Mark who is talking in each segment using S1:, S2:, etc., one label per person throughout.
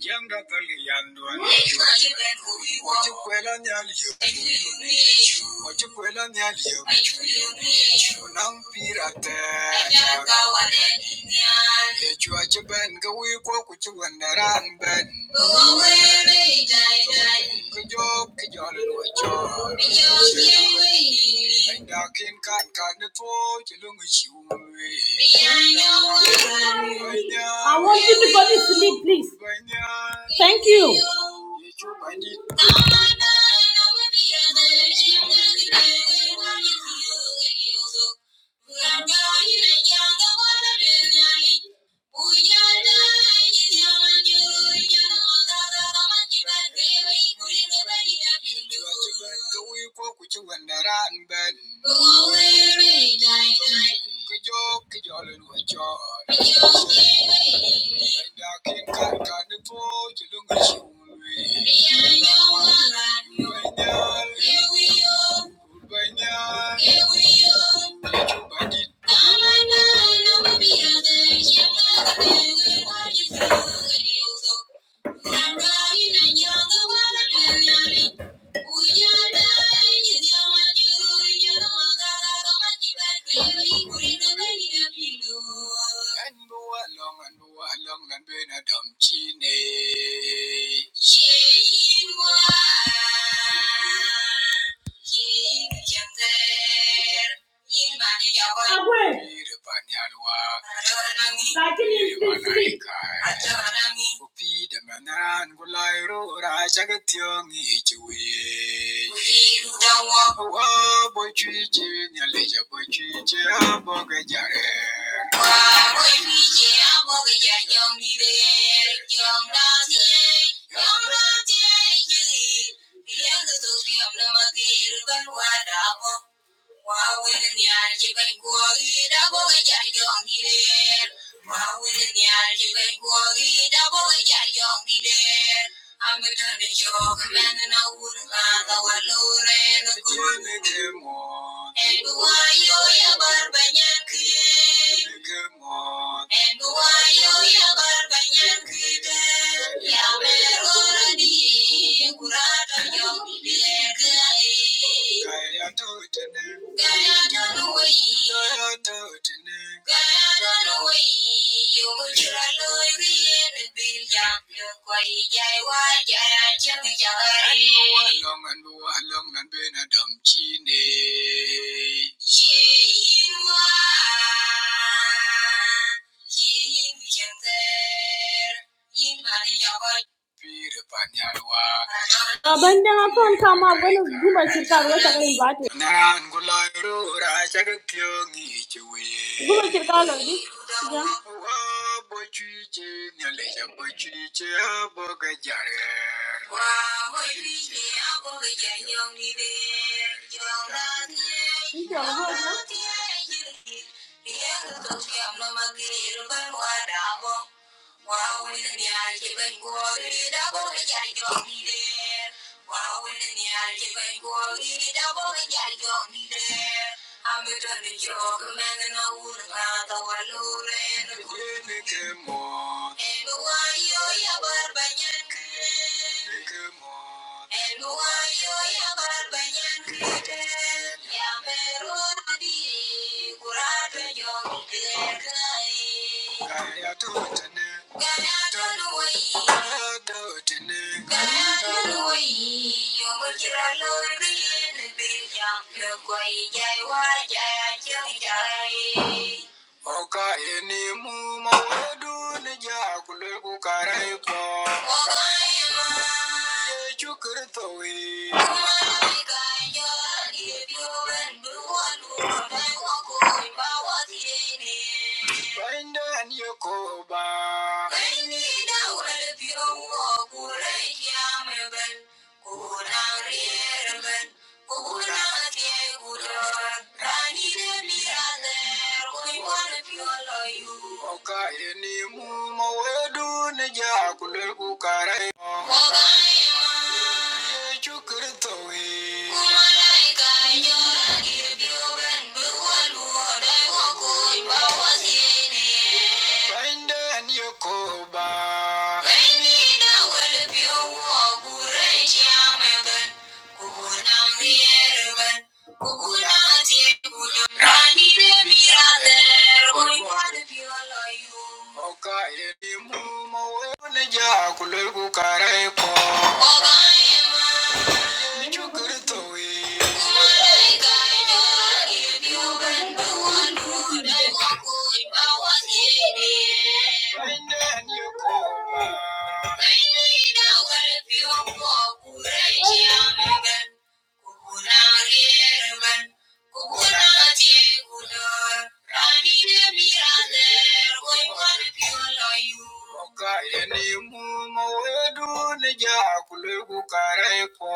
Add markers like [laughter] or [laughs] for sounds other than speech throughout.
S1: Janga kali yandwa ni yo. Ochikwela nyali yo. Ochikwela nyali yo. Unampira tena. Echwa chiben gawi kwa kuchiwandaran ben. I want you to go to sleep, please. Thank you. Banyak, banyak, banyak. All I know, I know the other, you are the better, are you good, and you go. I'm running and you're the one I'm running. When you're dying, you know I do, and you know I got a lot of money back there, you bring the money up, you know. And do along and do along and been a dumb chinny. She was. Agwe, Iribanyarwa, lakini nisipik. Iribanaika, Upida manan gulairo rajagatiyong ichiwe. Wa bochiche nyalija bochiche abogajare. Thank you. Pira Panyawa, Abandon upon come up when it's good, but she can't Nan Gulayo, Rajakyongi, good, Chui. but she can't lady. Yeah. Wa Wow, in the eye, given glory, double the yard on me there. Wow, in the eye, given glory, double the yard on me there. I'm a dirty joke, a man and a wood, a lot of a lure and a good nickel more. And why you ever by Yankee? And why you ever by Yankee? Yamero, the Quay dài qua dài chân trời Oka enimu mawedu nija kule kukarepo. Yesu Kristo we. Bainda niyokoba. Okaire ni mumo wedu ni jakule kukare Chukirito we Kumalaika nyora kirbiuben buwaluoda wakui bawasiene Bainde nyokoba Bainde na wele biuwa gure chiameben Oh, now we're one. Thank you. Una hierba Oka ene mu mawedu neja kulegu karepo.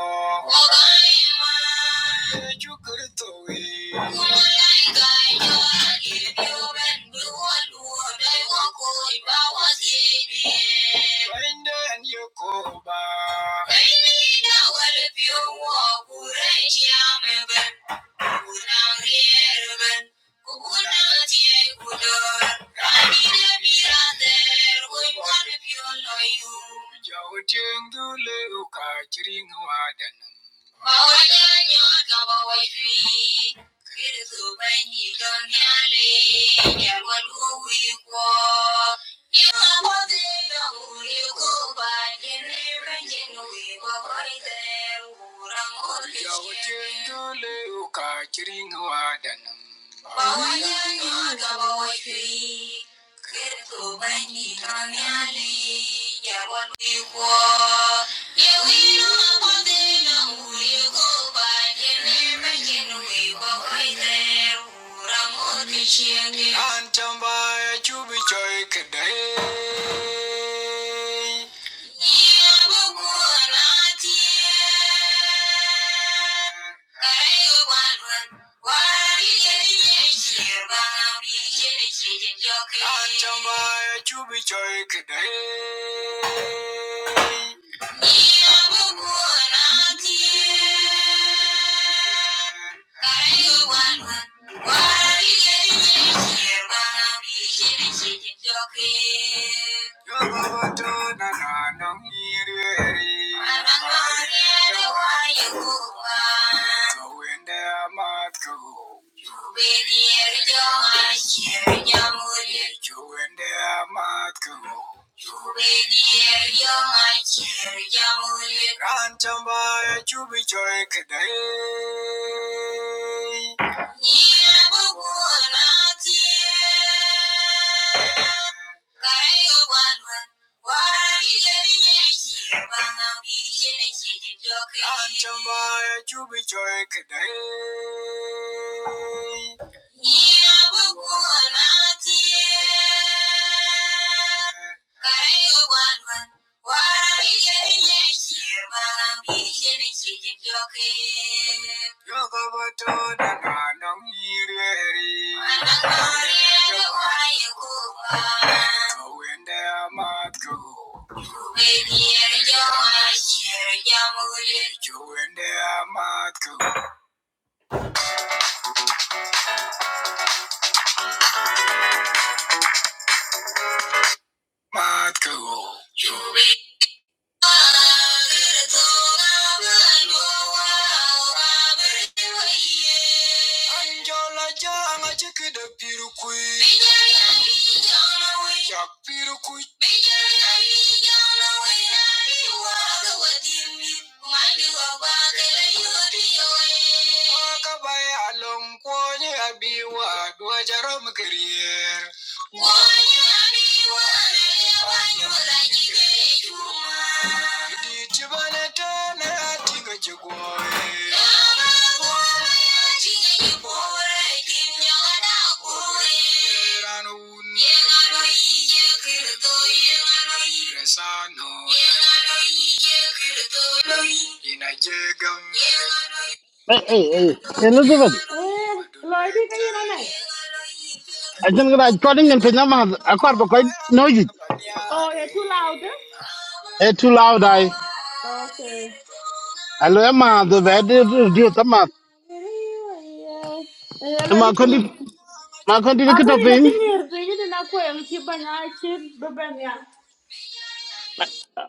S1: Yesu Kristo we. Bainde nyokoba. Kukunankierumen, kukunatiekulor, ranire mirander, kuimuanepioloyum. Jautingdule ukachiringwadan. Mawajanyoka mawajwi, kiritubenyi donyale, nyarwaluwikwo. Thank you. Yeu ino ma quan the no u diu go bay ye nhe mai kin hu i boi tieu ru ra mot chi anh cham bay chu bi choi khac day. Nha bu cu nhat ye, coi du quan luan qua dien dien ye ban bi dien dien ye anh cham bay chu bi choi khac day. Thank you. Rantambai chubi joy kadai. Rantambai chubi joy kadai. Matko, Matko, Anjola janga chikida pirukui. Bijaya ijana we. Chak pirukui. Bijaya ijana we. Nari waga wadimi. Mandi wabakele yuri yoe. Wakabaya alomkwonye abiwa. Dua jarom kirier. Ê, lời đi
S2: Hey, hey, hey, Elizabeth.
S1: cái gì đó này
S2: I think that according in Pinama, I quite quite noisy.
S1: Oh, they're too loud. eh?
S2: It's too loud. I,
S1: Okay.
S2: I love my the weather reduce the math. My country, my country, look at the
S1: Akoni na
S2: thing.
S1: chingir tu yini na kwa mchi banya chid bebenya.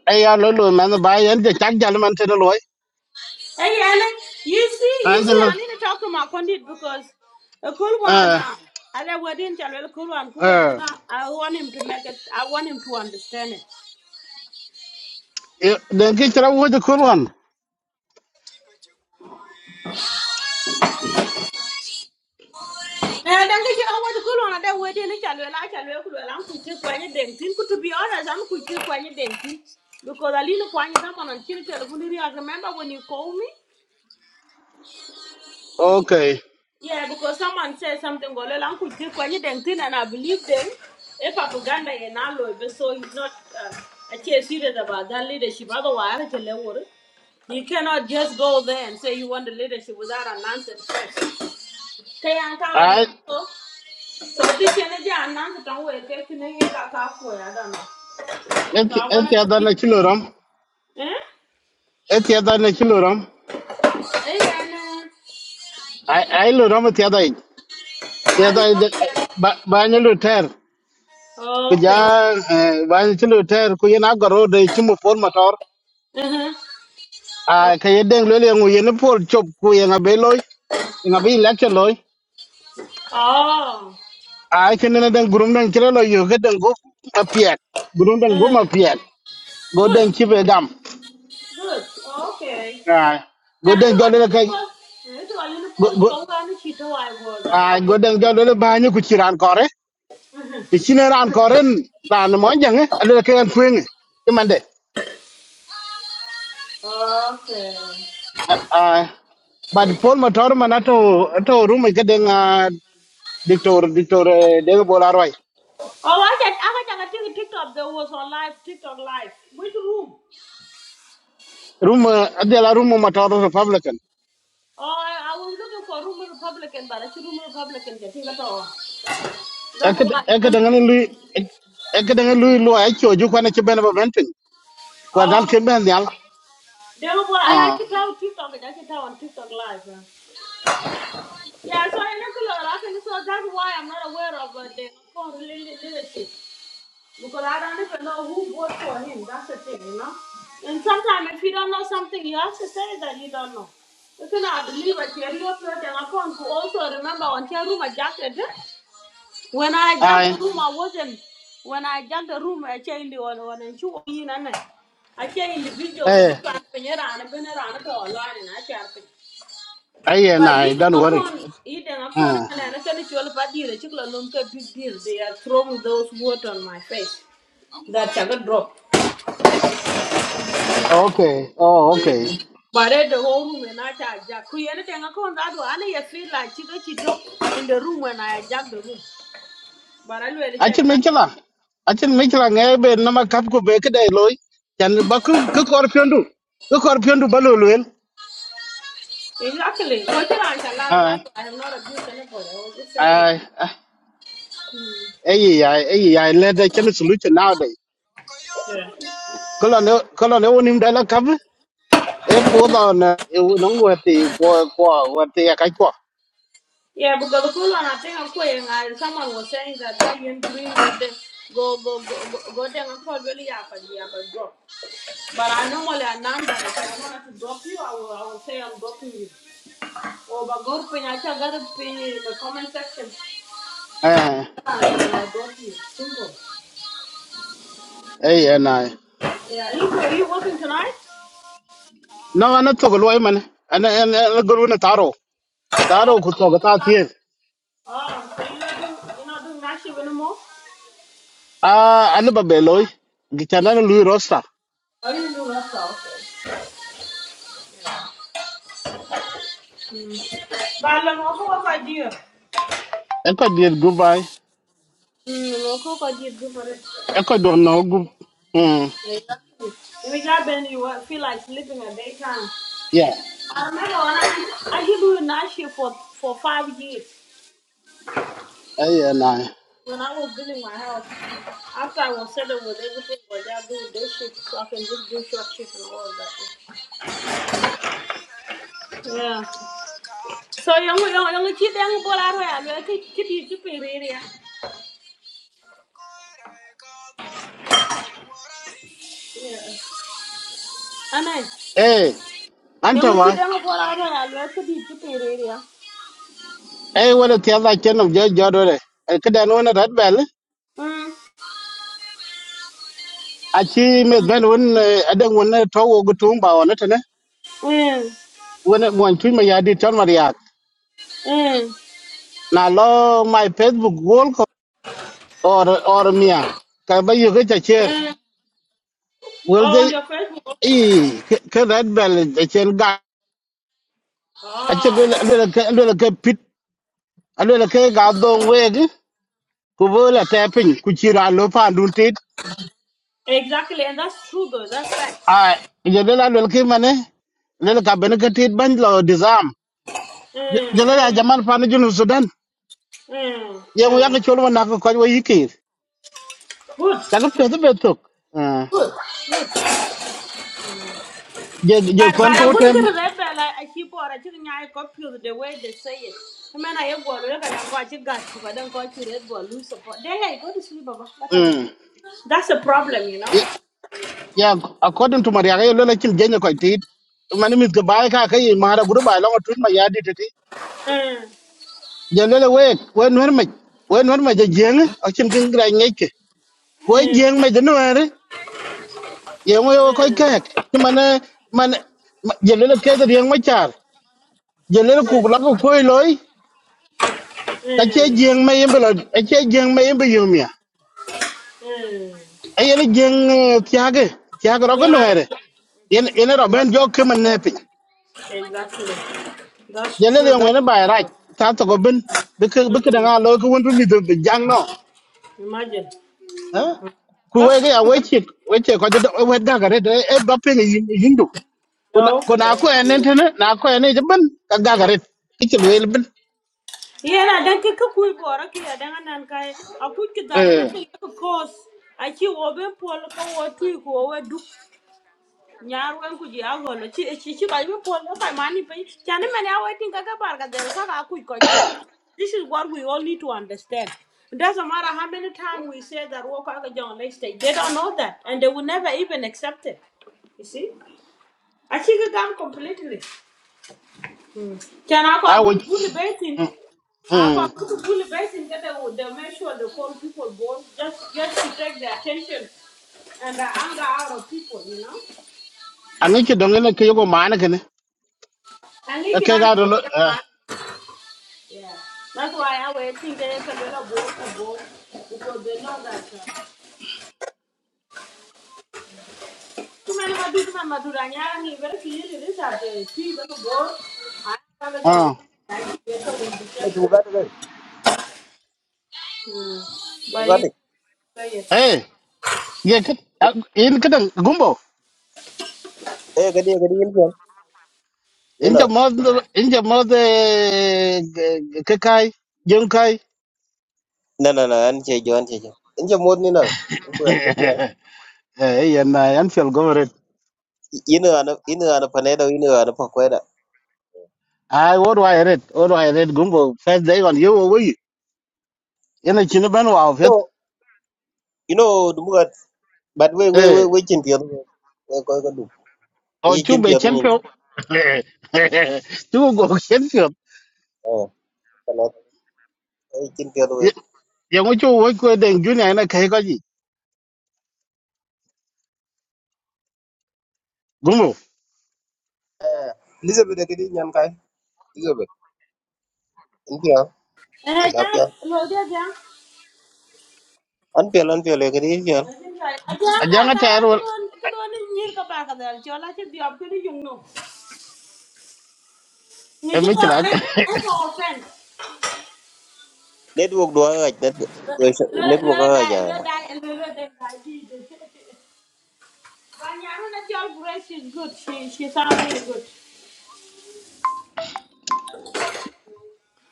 S2: I are low, man, the buy and the jack gentleman to the loy.
S1: Hey Alan, you see, you
S2: And
S1: see, I
S2: the,
S1: need to talk to my condit because a cool one.
S2: uh,
S1: Uh, I wedding channel cool one to work.
S2: uh,
S1: I want him to make it. I want him to understand it.
S2: then get your own the cool one.
S1: And then they all want to go on that way. Then they can like and look around to take when you dent. to be honest, I'm going to when you dent. Because I little when you come on and chill. I remember when you call me.
S2: Okay.
S1: Yeah, because someone said something. Go along to take when you dent, and I believe them. If propaganda in alloy, so he's not uh, actually serious about that leadership. Otherwise, I tell you what. You cannot just go there and say you want the leadership without announcing first. ka yan ka
S2: I,
S1: so so this kene ja nan ka tan we ke kene ye ka ka ko ya da no so i
S2: it's
S1: want
S2: the
S1: to
S2: other
S1: clean
S2: Nachilorum.
S1: eh
S2: It's the other Nachilorum.
S1: eh and uh,
S2: I, I love the other. The
S1: are you
S2: other,
S1: okay
S2: but, but I know ku
S1: okay
S2: ja ban ci lu ter ku yen agoro de ci mu pol motor
S1: uh-huh
S2: a
S1: oh
S2: ka ye deng le le ngu yen pol chop ku yen abe loy nga bi election loy
S1: oh
S2: a ke ne den gurum den ci lo yo ga den go ma piet gurum den go
S1: uh,
S2: ma piet go
S1: good
S2: den ci be gam
S1: good okay
S2: a go
S1: can i do
S2: den
S1: a
S2: jole le
S1: little
S2: kay
S1: post Can I do a little
S2: go
S1: post
S2: go-
S1: show and she do I was and
S2: a
S1: I
S2: go
S1: would
S2: den jole le ba ni ku ci ran kore ti ci ne ran kore ran mo jang ale ke an kueng ci mande
S1: okay
S2: a bad pol motor manato to rumo ke den Dictor Dictor eh, David Bola Roy.
S1: oh I can I can take a TikTok that was on live TikTok live which room
S2: Rum adela rum matoro Republican.
S1: Oh, I, I was looking for Roman Republican, but I see Roman Republican. Get it at all. That's
S2: Eke
S1: why. I
S2: eke
S1: can
S2: dengan lu eke dengan lu lu ay choju kwana ke bena bentin. Kwa
S1: Oh,
S2: dan ke
S1: okay.
S2: ben yal.
S1: Then what? I
S2: Ah.
S1: actually tell TikTok. I actually tell on TikTok live. Yeah, yeah so in regular, I can. So that's why I'm not aware of uh, the Nakhon really leadership because I don't even know who voted for him. That's the thing, you know. And sometimes if you don't know something, you have to say that you don't know. You cannot believe it. You're real person. I also remember on Chairuma Jacket. Huh? When I jacked the
S2: Ai.
S1: room, I wasn't. When I jacked the room, I changed the one one and two in and I changed the videos and the
S2: Eh.
S1: clapping around and been around it all line and I chapped it.
S2: Ai eh
S1: But
S2: nai
S1: you
S2: don't
S1: don't
S2: worry.
S1: con you don't con
S2: Ah.
S1: and I said it's all about you. The chicken don't get big deal. They are throwing those words on my face. That I got drop.
S2: Okay. Oh okay.
S1: But at the whole room and I charge jack. Who anything I con that one I feel like chicken she drop in the room when I jacked the room. But I really
S2: Achin
S1: charge.
S2: mekela. Achin mekela ngai be nama kap ko be kedai loy. Chan bakul ke kor piondu. Ke kor piondu baloluen.
S1: Exactly. Well, you know,
S2: Ah.
S1: that. I have not abused anybody. I was just saying.
S2: Ai.
S1: Hmm.
S2: Ai ai ai ai ai le da chen solution now
S1: Yeah.
S2: kala ne kala ne wonim dala kab e po da na e no wati ko ko wati ya kai ko
S1: Yeah, because the cool one, I think I'm quitting. I, someone was saying that they you green with the go go go go go down and call really yeah, but yeah, but drop. But I normally announce that if I wanted to drop you, I will I will say I'm dropping you. Or but go pin, I shall get a pin in the comment section.
S2: eh
S1: And I drop you. Simple.
S2: eh eh na
S1: Yeah. Are you, are you working tonight?
S2: no ana to ko loy man ana ana guru na taro taro ku to cái ta tie
S1: Oh, so you're not doing you're not doing night shift anymore?
S2: a ana ba be loy gi chana na lui rosta
S1: I didn't do that stuff. بعد لما اخوك قدير
S2: e ko dier gubai
S1: Mm, well, Coco did good for it,
S2: e ko
S1: you
S2: do
S1: know?
S2: no gu mm
S1: Yeah, exactly. we got Benny you feel like sleeping at daytime.
S2: yeah
S1: I remember when I I used do night shift for for five years
S2: eh eh na
S1: when I was building my house. After I was settled with everything, but I do day shift so I can just do short shift and all of that. Yeah. So you only you only keep them ball out of You keep you keeping area. Yeah. I know.
S2: eh
S1: You
S2: anta
S1: only
S2: wa
S1: keep them ball out of You keep you keeping area.
S2: eh wala ti ada ken of jojo do re e kada no na rat bel
S1: Hmm.
S2: a chi me ben won adan won to wo gu tum ba wona
S1: Yeah.
S2: when when twi ma ya dit chon mariak
S1: Mm.
S2: na lo my facebook wall ko or or mia ka ba yu ga che
S1: Mm.
S2: will
S1: Oh, on
S2: they
S1: your Facebook.
S2: e red bell de chen ga a che lo
S1: Ah,
S2: lo ke lo ke pit a lo ke ga dong we gi ku bo la te pin ku chi ra lo pa dun tit
S1: Exactly, and that's true though. That's
S2: a
S1: facts.
S2: ye de la lo ke mane le ka ben ke tit ban lo disarm je
S1: Mm.
S2: le ya jaman pa ni junu sudan
S1: Mm.
S2: ye mu ya ke chol wa na ko ko yi ki
S1: Good.
S2: ta ke pe de betok je je
S1: But but
S2: kwan
S1: I'm
S2: ko
S1: gonna get
S2: ten
S1: remember like I keep on I think I got the way they say it. I mean I have go look at I got you got you, but then go you red ball lose support. Then I go to sleep Baba. That has it.
S2: Mm.
S1: That's a problem, you
S2: Yeah,
S1: know.
S2: yeah, according to Maria, I lele chil jenye koi tit. Mani mit gabai ka kai mara guru bai longa tuin ma yadi titi.
S1: Mm.
S2: Je lele we, we nwer me, we nwer me je jeng, akin kin gra ngeke. Ko
S1: Mm.
S2: jeng me je nwer, ye mo yo koi
S1: Mm.
S2: kek. Ti mane mane je lele ke de yeng ma char. Je lele ku la
S1: Yes.
S2: ko koi loy, ta che
S1: Mm.
S2: jeng me yembe lo, a che jeng me yembe yumia.
S1: Mm.
S2: Ayene jeng tiage, tiage ro ko
S1: Yeah.
S2: nwer. Yen yen ro ben jo kemen nepi.
S1: Exactly. That's
S2: jelle le
S1: true.
S2: ngwene bay raj ta to go bin bi ke bi ke
S1: Mm.
S2: nga lo ko won ni de jang no
S1: Imagine.
S2: eh ku
S1: Gak.
S2: we ga we chi we che ko de we ga ga re de e ba pe ni hindu ko na ko na
S1: okay.
S2: ko enen tene na ko enen je bin ka ga ga re ki chi le bin
S1: Yeah, na dan kika kui bora ki ya dan anan kai a kui ki dare na
S2: eh
S1: tin ka kos. A ki wo be pol ka wo tui ko wo du. Nyar wen ku ji a golo chi chi chi ba be pol ka mani pe. Chani mane a wo tin ka ka bar ka ka ka kui to. This is what we all need to understand. It doesn't matter how many times we say that walk out of John Lake State, they don't know that and they will never even accept it. You see? I think I'm completely. Mm. Can I
S2: a
S1: call
S2: we
S1: book bully baiting? I
S2: mm
S1: call book bully baiting that they would they make sure the poor people born just just to take the attention and the anger out of people, you know?
S2: ani chi dong ne ke yo ma na ke ne
S1: And you
S2: ka
S1: can
S2: ke ga
S1: only
S2: do lo
S1: see them,
S2: eh
S1: man. Yeah. That's why I would think they can get a little board to board because they know that uh, too many Madura Madura Nyani very clearly this are the three little board. I have a dog.
S2: ah
S1: I get a little bit.
S3: bugatti dai
S1: Hmm. But you
S3: bugatti
S1: say it.
S2: eh ye ke in ke dang gumbo
S3: eh gadi gadi yin fiyan ni
S2: in
S3: na
S2: je mo in je mo de ke kai jeng kai
S3: na na na an ce jo an ce jo in je mod ni na in buga in fiyan
S2: [laughs] Eh, and I Anfield government.
S3: ina ana ina ana pane da ina ana pa kwai da
S2: I what do I read? What do I read? Gumbo first day on you over you. In a chinaban wow
S3: no
S2: fit.
S3: you know du buga but we we we
S2: Eh,
S3: we chin fiyan we ko ko du
S2: or
S3: we
S2: two
S3: chin
S2: be
S3: fiyan ni
S2: champion. [laughs] Two go champion.
S3: eh kana we chin fiyan we
S2: Yang ucu woi kue deng junior ina kahi kaji. Gumbo.
S3: eh elizabeth da gadi nyan kai elizabeth in fiyan
S1: And I
S3: da
S1: just,
S3: fiyan
S1: well, yeah, yeah.
S3: an fiyan an fiyan gadi yin fiyan
S1: Ajanda
S2: Ajang [laughs] a
S1: kara
S2: tayar wal.
S1: kidon kidon ni nyir ka ba ka dal chola chi diop kini yung no. Ni di
S2: Emi
S1: ko
S2: kilag.
S1: e e ko ofen.
S3: network do ga net
S1: Lo lo
S3: network
S1: da
S3: ga ya
S1: lo da lo lo da da di di. Banyaru na chol Grace is good. She she sound really good.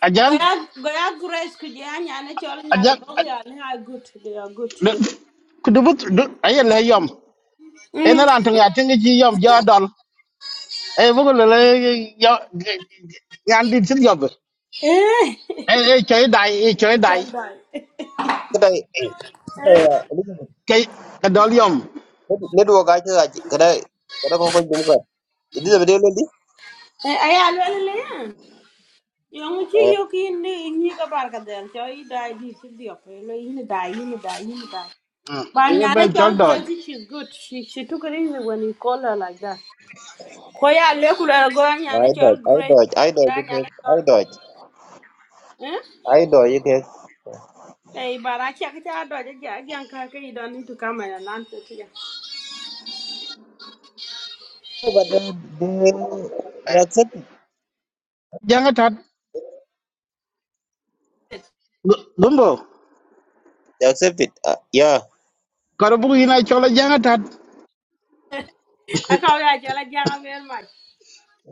S2: Ajang.
S1: Goya goya Grace kuje anyana chol nyana
S2: Ajang.
S1: dog ya ni are good. They are good.
S2: Kudubut. Ayah leh yom.
S1: Mm.
S2: Ena rantung ya tingi chi yom jadal. Eh, bukul lele yom. Yang di sini yom.
S1: Eh.
S2: Ê, ê, chơi đại, ê, chơi
S1: [laughs]
S2: đại.
S1: Chol dai. Eh.
S3: kada kada
S2: Cái, cái đó liom.
S3: network aja aja kada kada ko ko dum ka idi da video lodi
S1: Eh, Ay, alwele le yan. Yung chi
S3: eh
S1: yok in ni ka bar ka del cho i dai di si di op lo in dai in dai in dai.
S2: Ừ,
S1: But
S2: cái
S1: nyana
S2: bên chơi
S1: chal
S2: đòi.
S1: kurati she's good. She she took it easy when you call her like that. Koya le kula go
S3: ma
S1: nyana
S3: ai
S1: chal
S3: doj ai
S1: great.
S3: doj ai doj
S1: Ya
S3: yake
S1: nyana chal.
S3: ai doj
S1: Eh?
S3: ai doj yake
S1: Hey, but I check it out. I just young car. You don't need to come and answer to you.
S3: but they they they accept it
S2: Giang á thật. Đúng bộ.
S3: they accept it uh, yeah
S2: Có đó bụi này chơi là giang á thật.
S1: I call you. I tell you very much.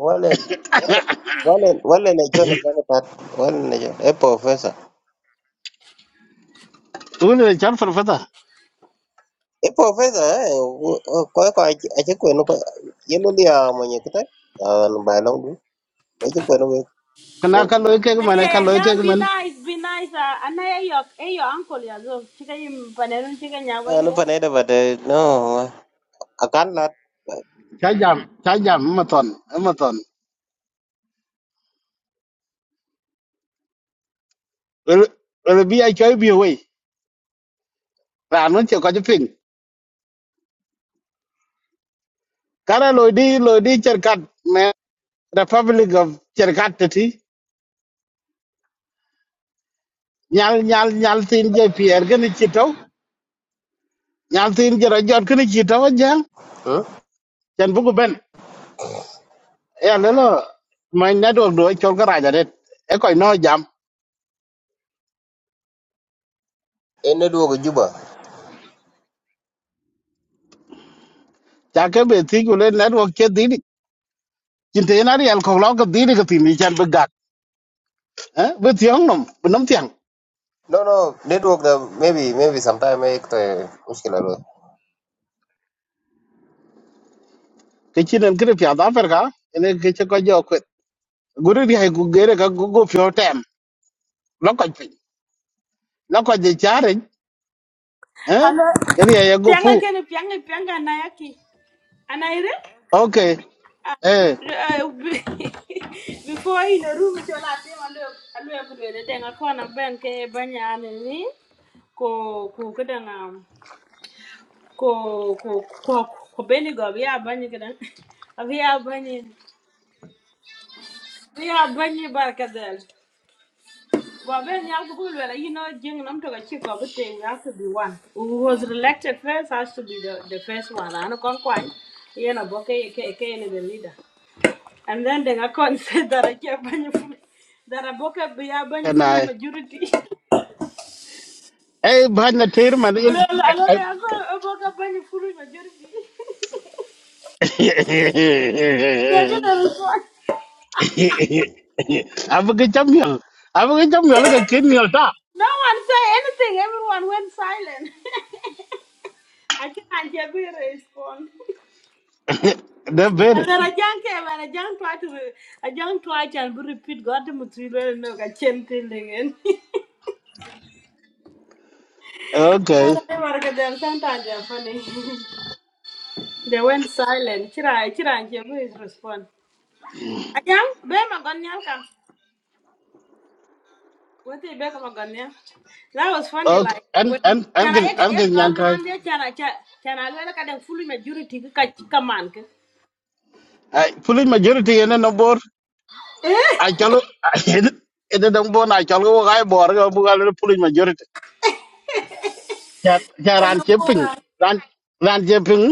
S3: wale wale wale wale ne jo ne jo ne pat wale ne jo e professor
S2: Ủa này chấm phần phát à.
S3: e professor eh wo- wo- ko ko aje ko no ko yelo dia mo ne kita an ba long du aje ko no
S2: Cái nào
S3: ko
S2: cả lối kia cái
S1: Hey,
S2: mình, cả
S1: hey,
S2: lối kia cái
S1: be
S2: mình.
S1: nice, be nice. Uh, and I, hey, your, hey, your uncle, yeah, go. Chicken, you, panelun, chicken, ya
S3: no.
S1: wenge.
S3: pa ne da but eh, no akan lat
S2: Chá giảm, chá giảm mà tuần, mà tuần. Ừ, ừ, bị ai chơi bị hủy. Rà nó chỉ có chứ phình. Cả là lối đi, lối đi chơi cắt. Mẹ, Republic of chơi cắt thật thì. Nhal, nhal, nhal tin chơi phía cái này chỉ trâu. Nhal tin chơi ra giọt cái này chỉ trâu á giang.
S3: hmm
S2: Chẳng bụi bên. e lelo ma network do chol ga raja det e ko no jam
S3: e ne duogo juba
S2: ja ke be ti ku le network che di ni chin te na ri al ko lo ga di ni ga ti ni chan be gak eh be ti ang nom be nom tiang
S3: No, no, network the maybe maybe sometime make the mushkila lo.
S2: ke chin en kre pya da fer ga ene ke che ko jo ko guru ri hai gu ge re ga gu go pyo tem lo ko pi lo ko je cha re eh
S1: Hello.
S2: ke ri ya go fu
S1: Pianga kene pianga pianga anayaki. Anaire?
S2: okay
S1: Ah,
S2: eh
S1: eh, [laughs] Before in the room to la tema look alwe kulele denga kona ben ke banya ni. ko ko kedanga ko ko ko ko beni go ya banyi kedang. Abi ya banyi. Abi ya banyi barkadel. [laughs] Well, Ben Yalgabulwela, you know, Jing Namtoga Chico, but we have to be one. Who was elected first has to be the, the first one. I know Conquine, you know, Boke, Kane, the leader. And then they are said [laughs] that I can't that I boke be a
S2: e
S1: full
S2: nai
S1: majority. [laughs]
S2: e ba na ter man in
S1: Hello, hello, they I going to boke a bunny full majority. [laughs] They
S2: [laughs]
S1: didn't respond.
S2: Apa ke champion? Apa ke champion lah ke kenal tak?
S1: No one said anything, everyone went silent. [laughs] I can't hear me respond.
S2: Dah
S1: And
S2: ber.
S1: then I can't care I can't try to re- I can't try and be repeat God the material and no [laughs] I can't tell again.
S2: Okay.
S1: Then sometimes they're funny. [laughs] they went silent. Chira chira and Jebu is respond. I can't be my gunyal ka. What they back my gunyal? That was funny
S2: Okay.
S1: like
S2: And
S1: when
S2: and and
S1: can
S2: ke
S1: I get
S2: and ke
S1: a don
S2: nyangkai.
S1: man there can I chat? can I look at the full majority ka chika man.
S2: Police majority ini nombor.
S1: Eh
S2: Acalo. Ini nombor acalo kai bor ke bukan le [laughs] police majority. Jaran shipping. Ran cheping ran ran cheping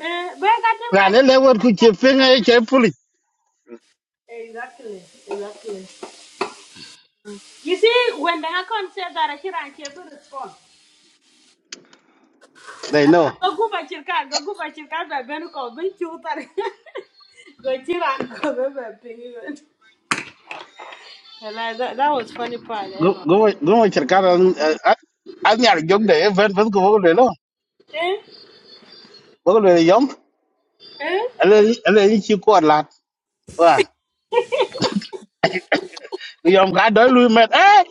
S1: eh back got them
S2: Ran ni lewat ku shipping ay cai police.
S1: Exactly exactly. You see, when the account said that I should have kept response.
S2: They know.
S1: Go go by chirka, go go by chirka by Benuko, go chutar. Go chiran, go [laughs] go by penguin. That that was funny part,
S2: Gu
S1: Emma.
S2: gu gu macam cara. Aznyar jom deh. Fen fen ku bukan le lo.
S1: Eh?
S2: Bukan le yom.
S1: Eh?
S2: ele chi ko lat wan yom ka do lu met eh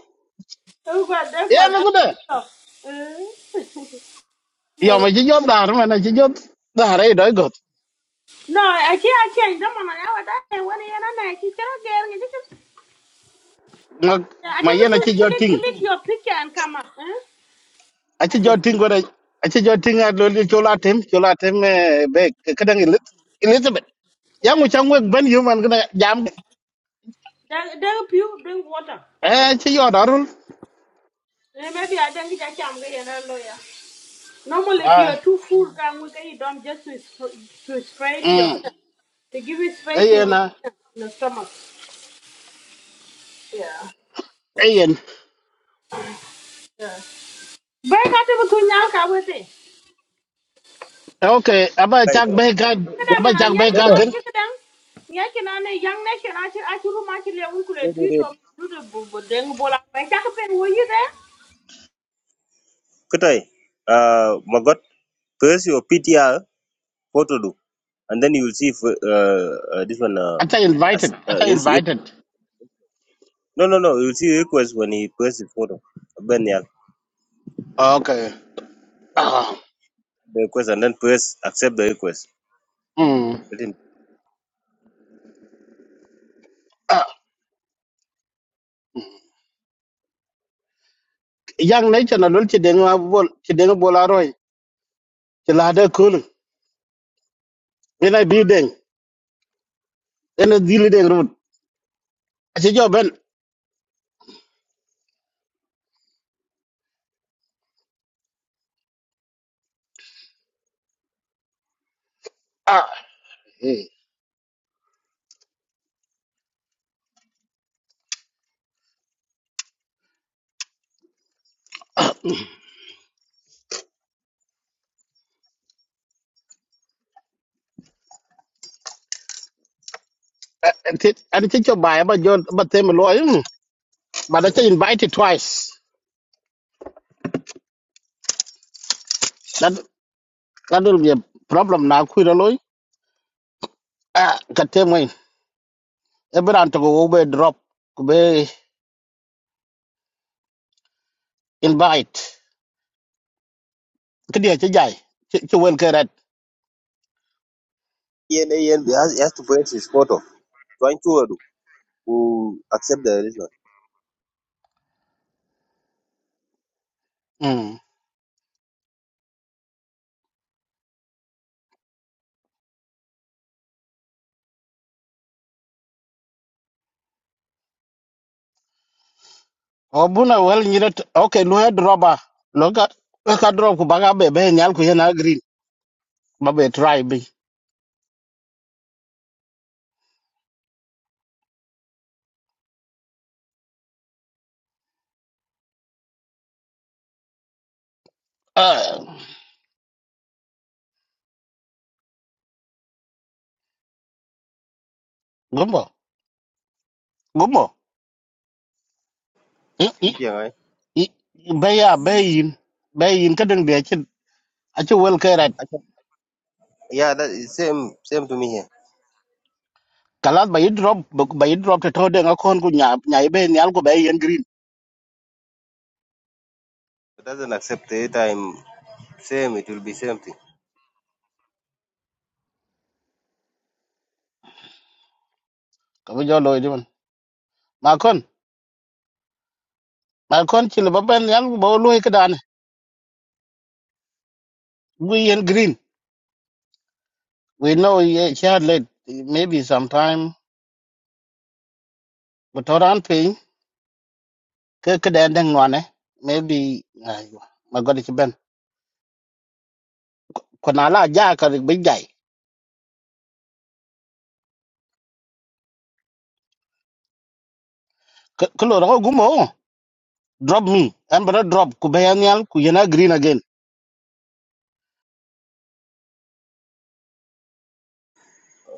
S1: Oh god, that was
S2: yen
S1: that
S2: ku de
S1: stuff. Eh?
S2: yom
S1: [laughs]
S2: chi job dar men chi job dar e do got
S1: No, I can't, I can't. Don't want to know what I want to hear. I can't get it.
S2: ngok
S1: I
S2: ma
S1: can't
S2: yen chi job ting
S1: click, click your picture and come up. Eh?
S2: a
S1: I
S2: chi
S1: can
S2: job ting ko de a chi job ting a lo li chola tem chola tem eh, be ka dang ilit elizabeth yang mu
S1: Eh?
S2: chang wek ben yom an ka jam
S1: There, there, pure drink water.
S2: eh chi yo darul
S1: Eh, maybe I don't get a chance to a lawyer. Normally, if
S2: ah
S1: you're too full, can we get you down just to, sp- to spray to your
S2: mm
S1: kidney, to give you
S2: e
S1: space in your
S2: yen a
S1: kidney, in your stomach.
S2: e yen
S1: Very good to put now, can we say?
S2: okay aba
S3: Right.
S2: chak be ka
S3: Yeah,
S1: Kadang
S2: aba
S1: ah,
S2: chak
S1: ni
S2: be
S3: No,
S1: aje
S2: ka
S1: non
S3: no.
S2: gen
S1: ke kadang ni aje non ne yang ne ke aje aje rumah aje le ungu le
S3: Wait, wait,
S1: tuit
S3: wait.
S1: om lu de deng bola. Baik tak pen wo ye de?
S3: Kutai, uh, Magot, press your PTR photo do, and then you will see if, uh, uh, this one, uh,
S2: ata invited
S3: as, uh,
S2: ata
S3: is, if,
S2: invited
S3: no, no, no. You'll see request when he press the photo. Ben, yeah,
S2: okay
S3: yeah.
S2: Ah,
S3: The request, and then press accept the request.
S2: mm.
S3: Let him-
S2: Ah, yang ne chana lol ci deng ma bol ci deng bola roy ci la de kul ina bi deng ina dili deng rut ci jo ben ah mm. Ah, ti- an ci jo bay ba jo ba tem loy ba da ci invite twice that that will be a problem na ku da loy ah ka tem moy e bran to go be drop ku be invite ki dia ci jay ci wel ke
S3: Ian, Ian, he and- he has, he has to press his photo. Trying to uh, do, who accept the this one.
S2: red obuna wel nyire t- okay lu head roba lo ka lo ka drop ku baga be be nyal ku yana green ba be try bi Ah, gumbo gumbo I-
S3: In
S2: I-
S3: Penang, eh?
S2: I- be ya be yin be yin ka deng be chin a chi wel ke rat
S3: I can- Yeah, that is same same to me here.
S2: kalas ba yi drop ba yi drop te to deng a kon ku nya nya be nyal ku be yen green
S3: It doesn't accept the time Same, it will be same thing.
S2: ka bu jo lo di man ma kon ma kon chi le ba ben nyal ku ba lo ke dan we yen green we know ye chat late maybe sometime but around ke ke den den ngone maybe aywa magodi ke ben ko na la ja ka be jai ko lo ro gumo drop me and but drop ku be anyal ku yena green again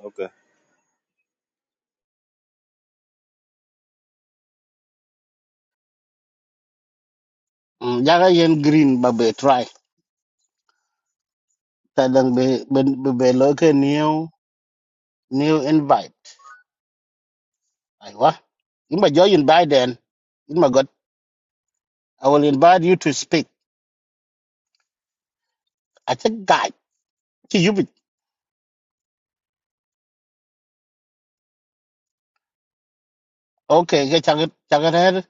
S3: Okay.
S2: Mm, ja ga yen green ba be try ta dang be be be be lo ke new new invite aywa in ba jo yin by then in my god i will invite you to speak i think guy to you be okay ke cha cha ga re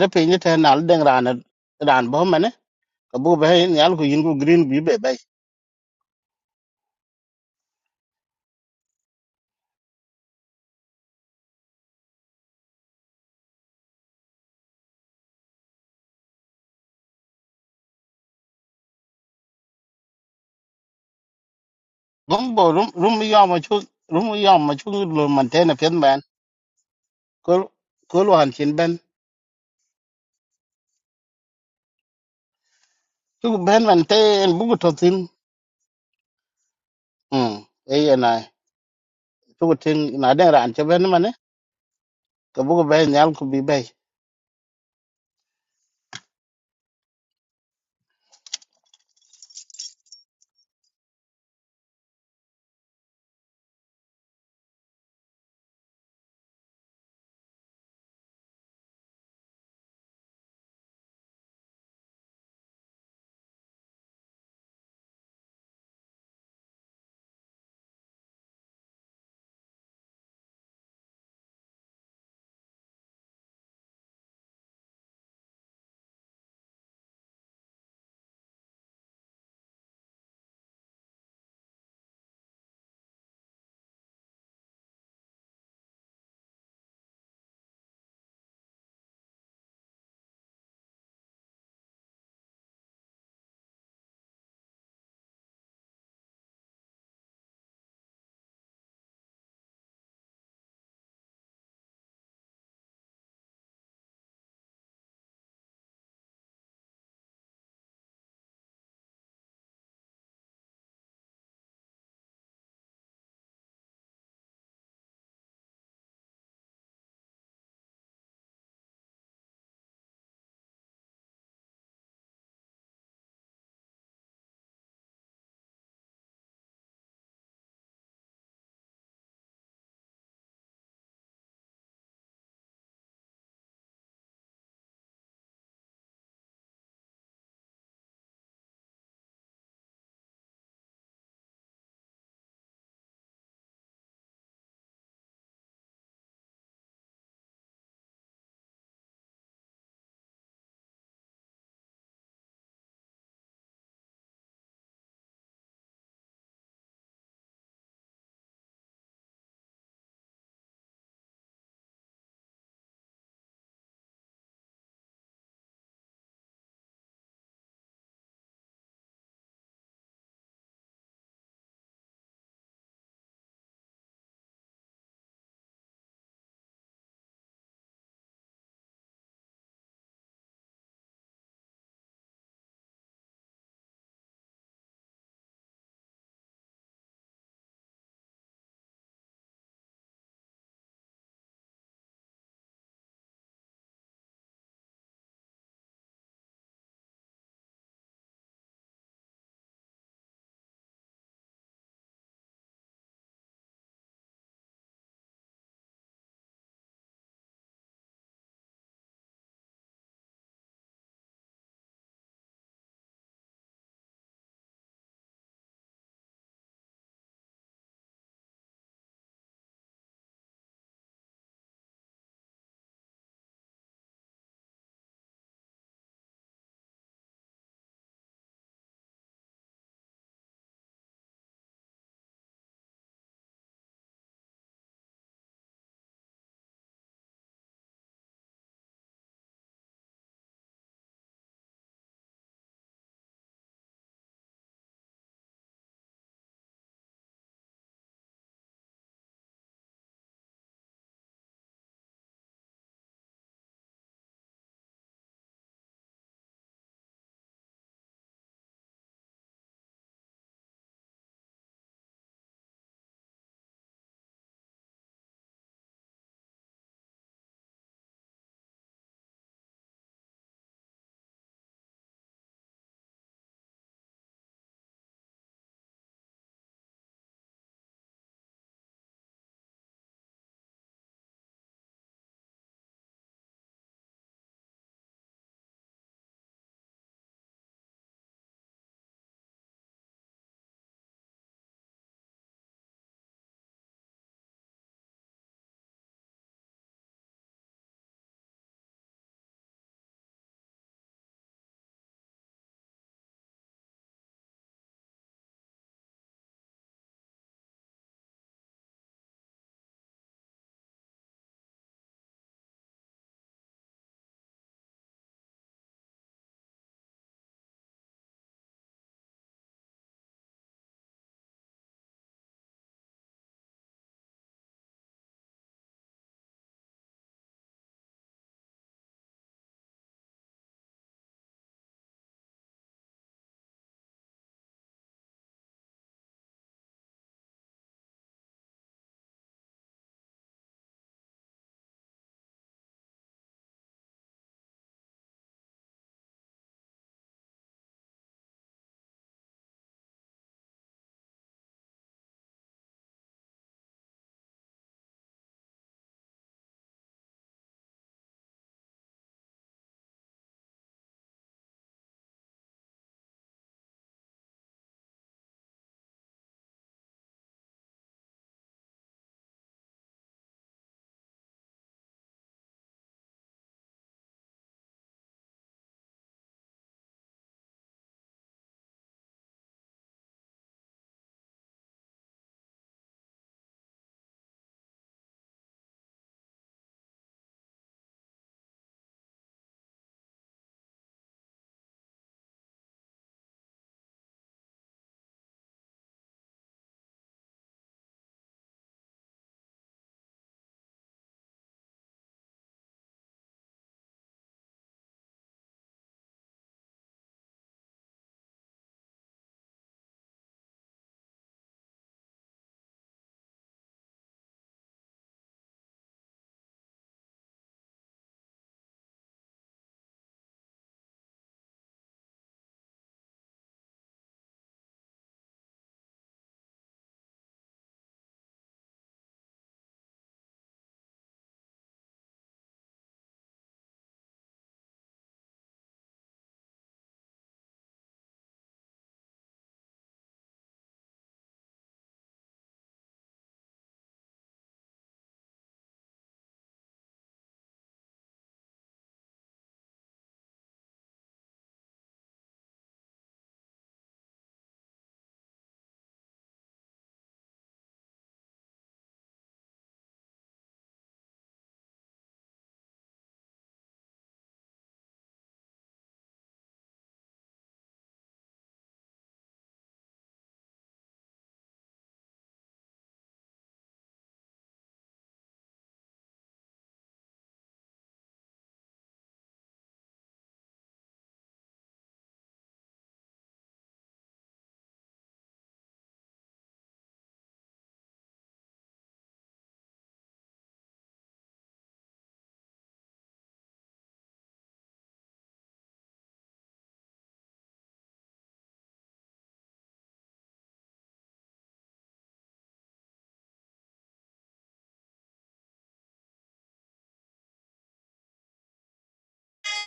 S2: re pe ni te na den ran ran bo mane ka bu be nyal ku yin ku green bi be gombo rum rum yo ma chu rum yo ma chu lo man te na pen ban ko ko lo han chin ben chu ben man te en bu to tin hm e ye na chu tin na den ran che ben man ko bu ben nyal ku bi be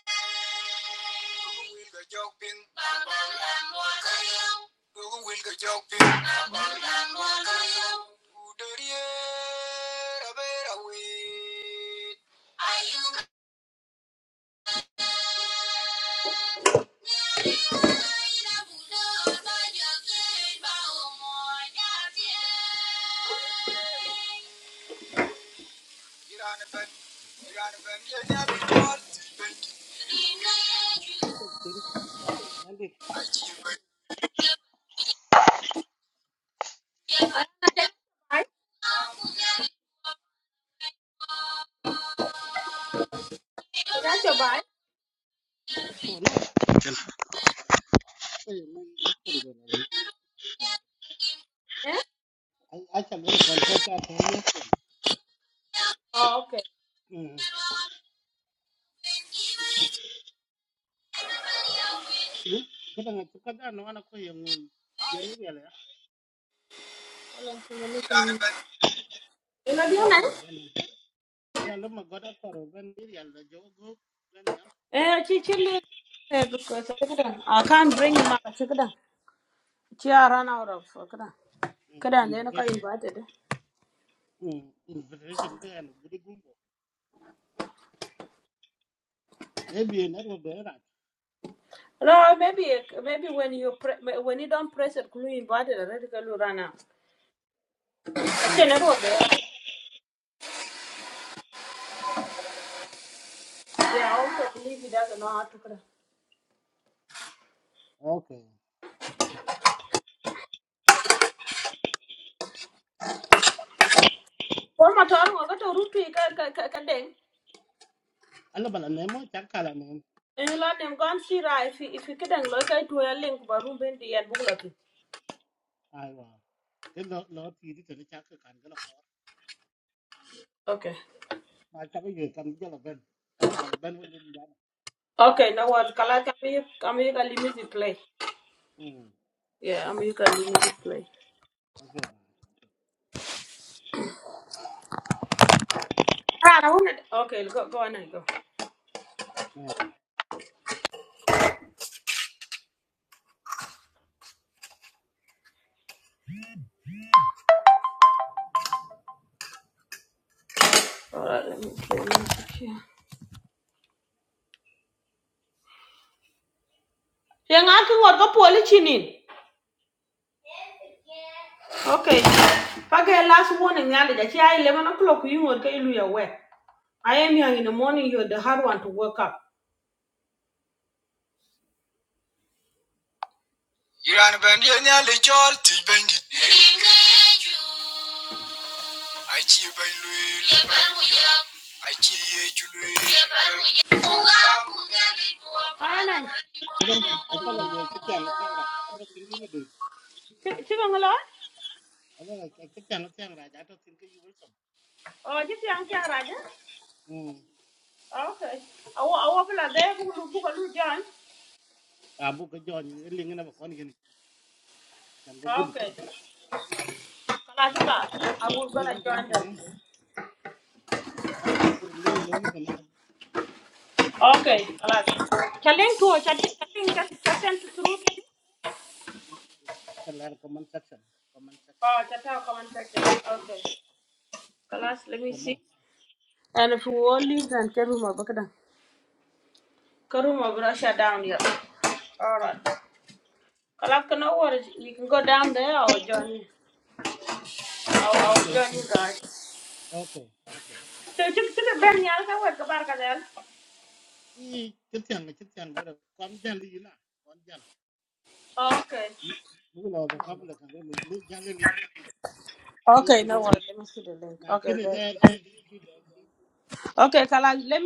S1: Wilga Jokpin, Babal and Wakayam. Dogo Wilga Jokpin, Babal and Wakayam. Udaria Rabera Wit. Are you That's your bike? Eh?
S2: acha go ko ko ta te
S1: Oh, okay.
S2: ye
S1: Mm.
S2: hm ko ta ko ka da no ana ko ye ngu je ni ya la
S1: You
S2: ma
S1: know,
S2: go
S1: do
S2: da
S1: you
S2: ko
S1: know?
S2: ro ben ya lo ma go da ko ro ben ni ya la jo go ben ya
S1: Eh, she she live there because I can't bring him up. She couldn't. She ran out of. Couldn't. Couldn't. They not
S2: invitation
S1: invited.
S2: Mm, invitation there and very good. Maybe in every day, right?
S1: No, maybe maybe when you pre- when you don't press it, glue invited already can run out. Okay,
S2: Mm,
S1: that was there. Yeah, I also believe he doesn't know how to cook.
S2: okay.
S1: One more time, I got a root to ka ka ka ding.
S2: Alla bala nemo chaka la nem.
S1: And you learn them gone see right if you if you can look at to a link but room bend the and book
S2: Aiwa. Ke lo lo ti di tene chaka kan gala ko.
S1: Okay.
S2: Ma chaka ye kan gala ben. Alla bala ben wo ni jana.
S1: Okay, now what color can be can be can limit play.
S2: Mm,
S1: Yeah, I'm you can limit play.
S2: okay ma.
S1: Ah, I wanna Okay, go go on and go.
S2: Ma.
S1: All right, let me see. Yang aku ngot ko poli chinin. Okay. Okay, last warning, Nali, that yeah, 11 o'clock, you will get you away. I am young in the morning, you're the hard one to wake up. You're on a bandier, Nali, Jol, Tibendit. I cheer by Louis. I cheer You are Iran bandia nyali chol ti
S2: Ata la ye chi chang chang
S1: bandit.
S2: ra. Ata sin di ma du.
S1: Achi bandit. Achi ye chulu. Alan. Chiba ngalo?
S2: Alla la ke chi chang chang ra. Ata sin ke yu wol som.
S1: Oh, jisi ang kya raja?
S2: Mm.
S1: Okay. Awa awa pula de kulu kulu join.
S2: Abu ke jon ye ling na ba kon gen. Chan ba gudi.
S1: Okay.
S2: Mm.
S1: I was gonna
S2: Ling kan
S1: join
S2: kan
S1: them.
S2: kan kan ling lo ma tan.
S1: Okay, Challenge to chatting, chatting, chatting
S2: Kan la comment section. Comment section.
S1: Oh, chatting, comment section. Okay. Kalas, let me
S2: Come on.
S1: see. And if you all leave, then Karuma, Bakada. Karuma, Russia down here. Alright. Kalas, can no worries. We can go down there or join you. I'll, I'll
S2: Okay.
S1: join you guys.
S2: Okay. Okay.
S1: So, you took a Ben Yalka, what, Kabarka then?
S2: I chitiang chitiang wala kon jali ina kon jal.
S1: Okay.
S2: Mulo the public and then ni jali ling ni
S1: Okay, no
S2: budi.
S1: worries. Let me see the link.
S2: Na
S1: Okay,
S2: kini
S1: there.
S2: lair ki ki ki da ki
S1: Okay, Kalas,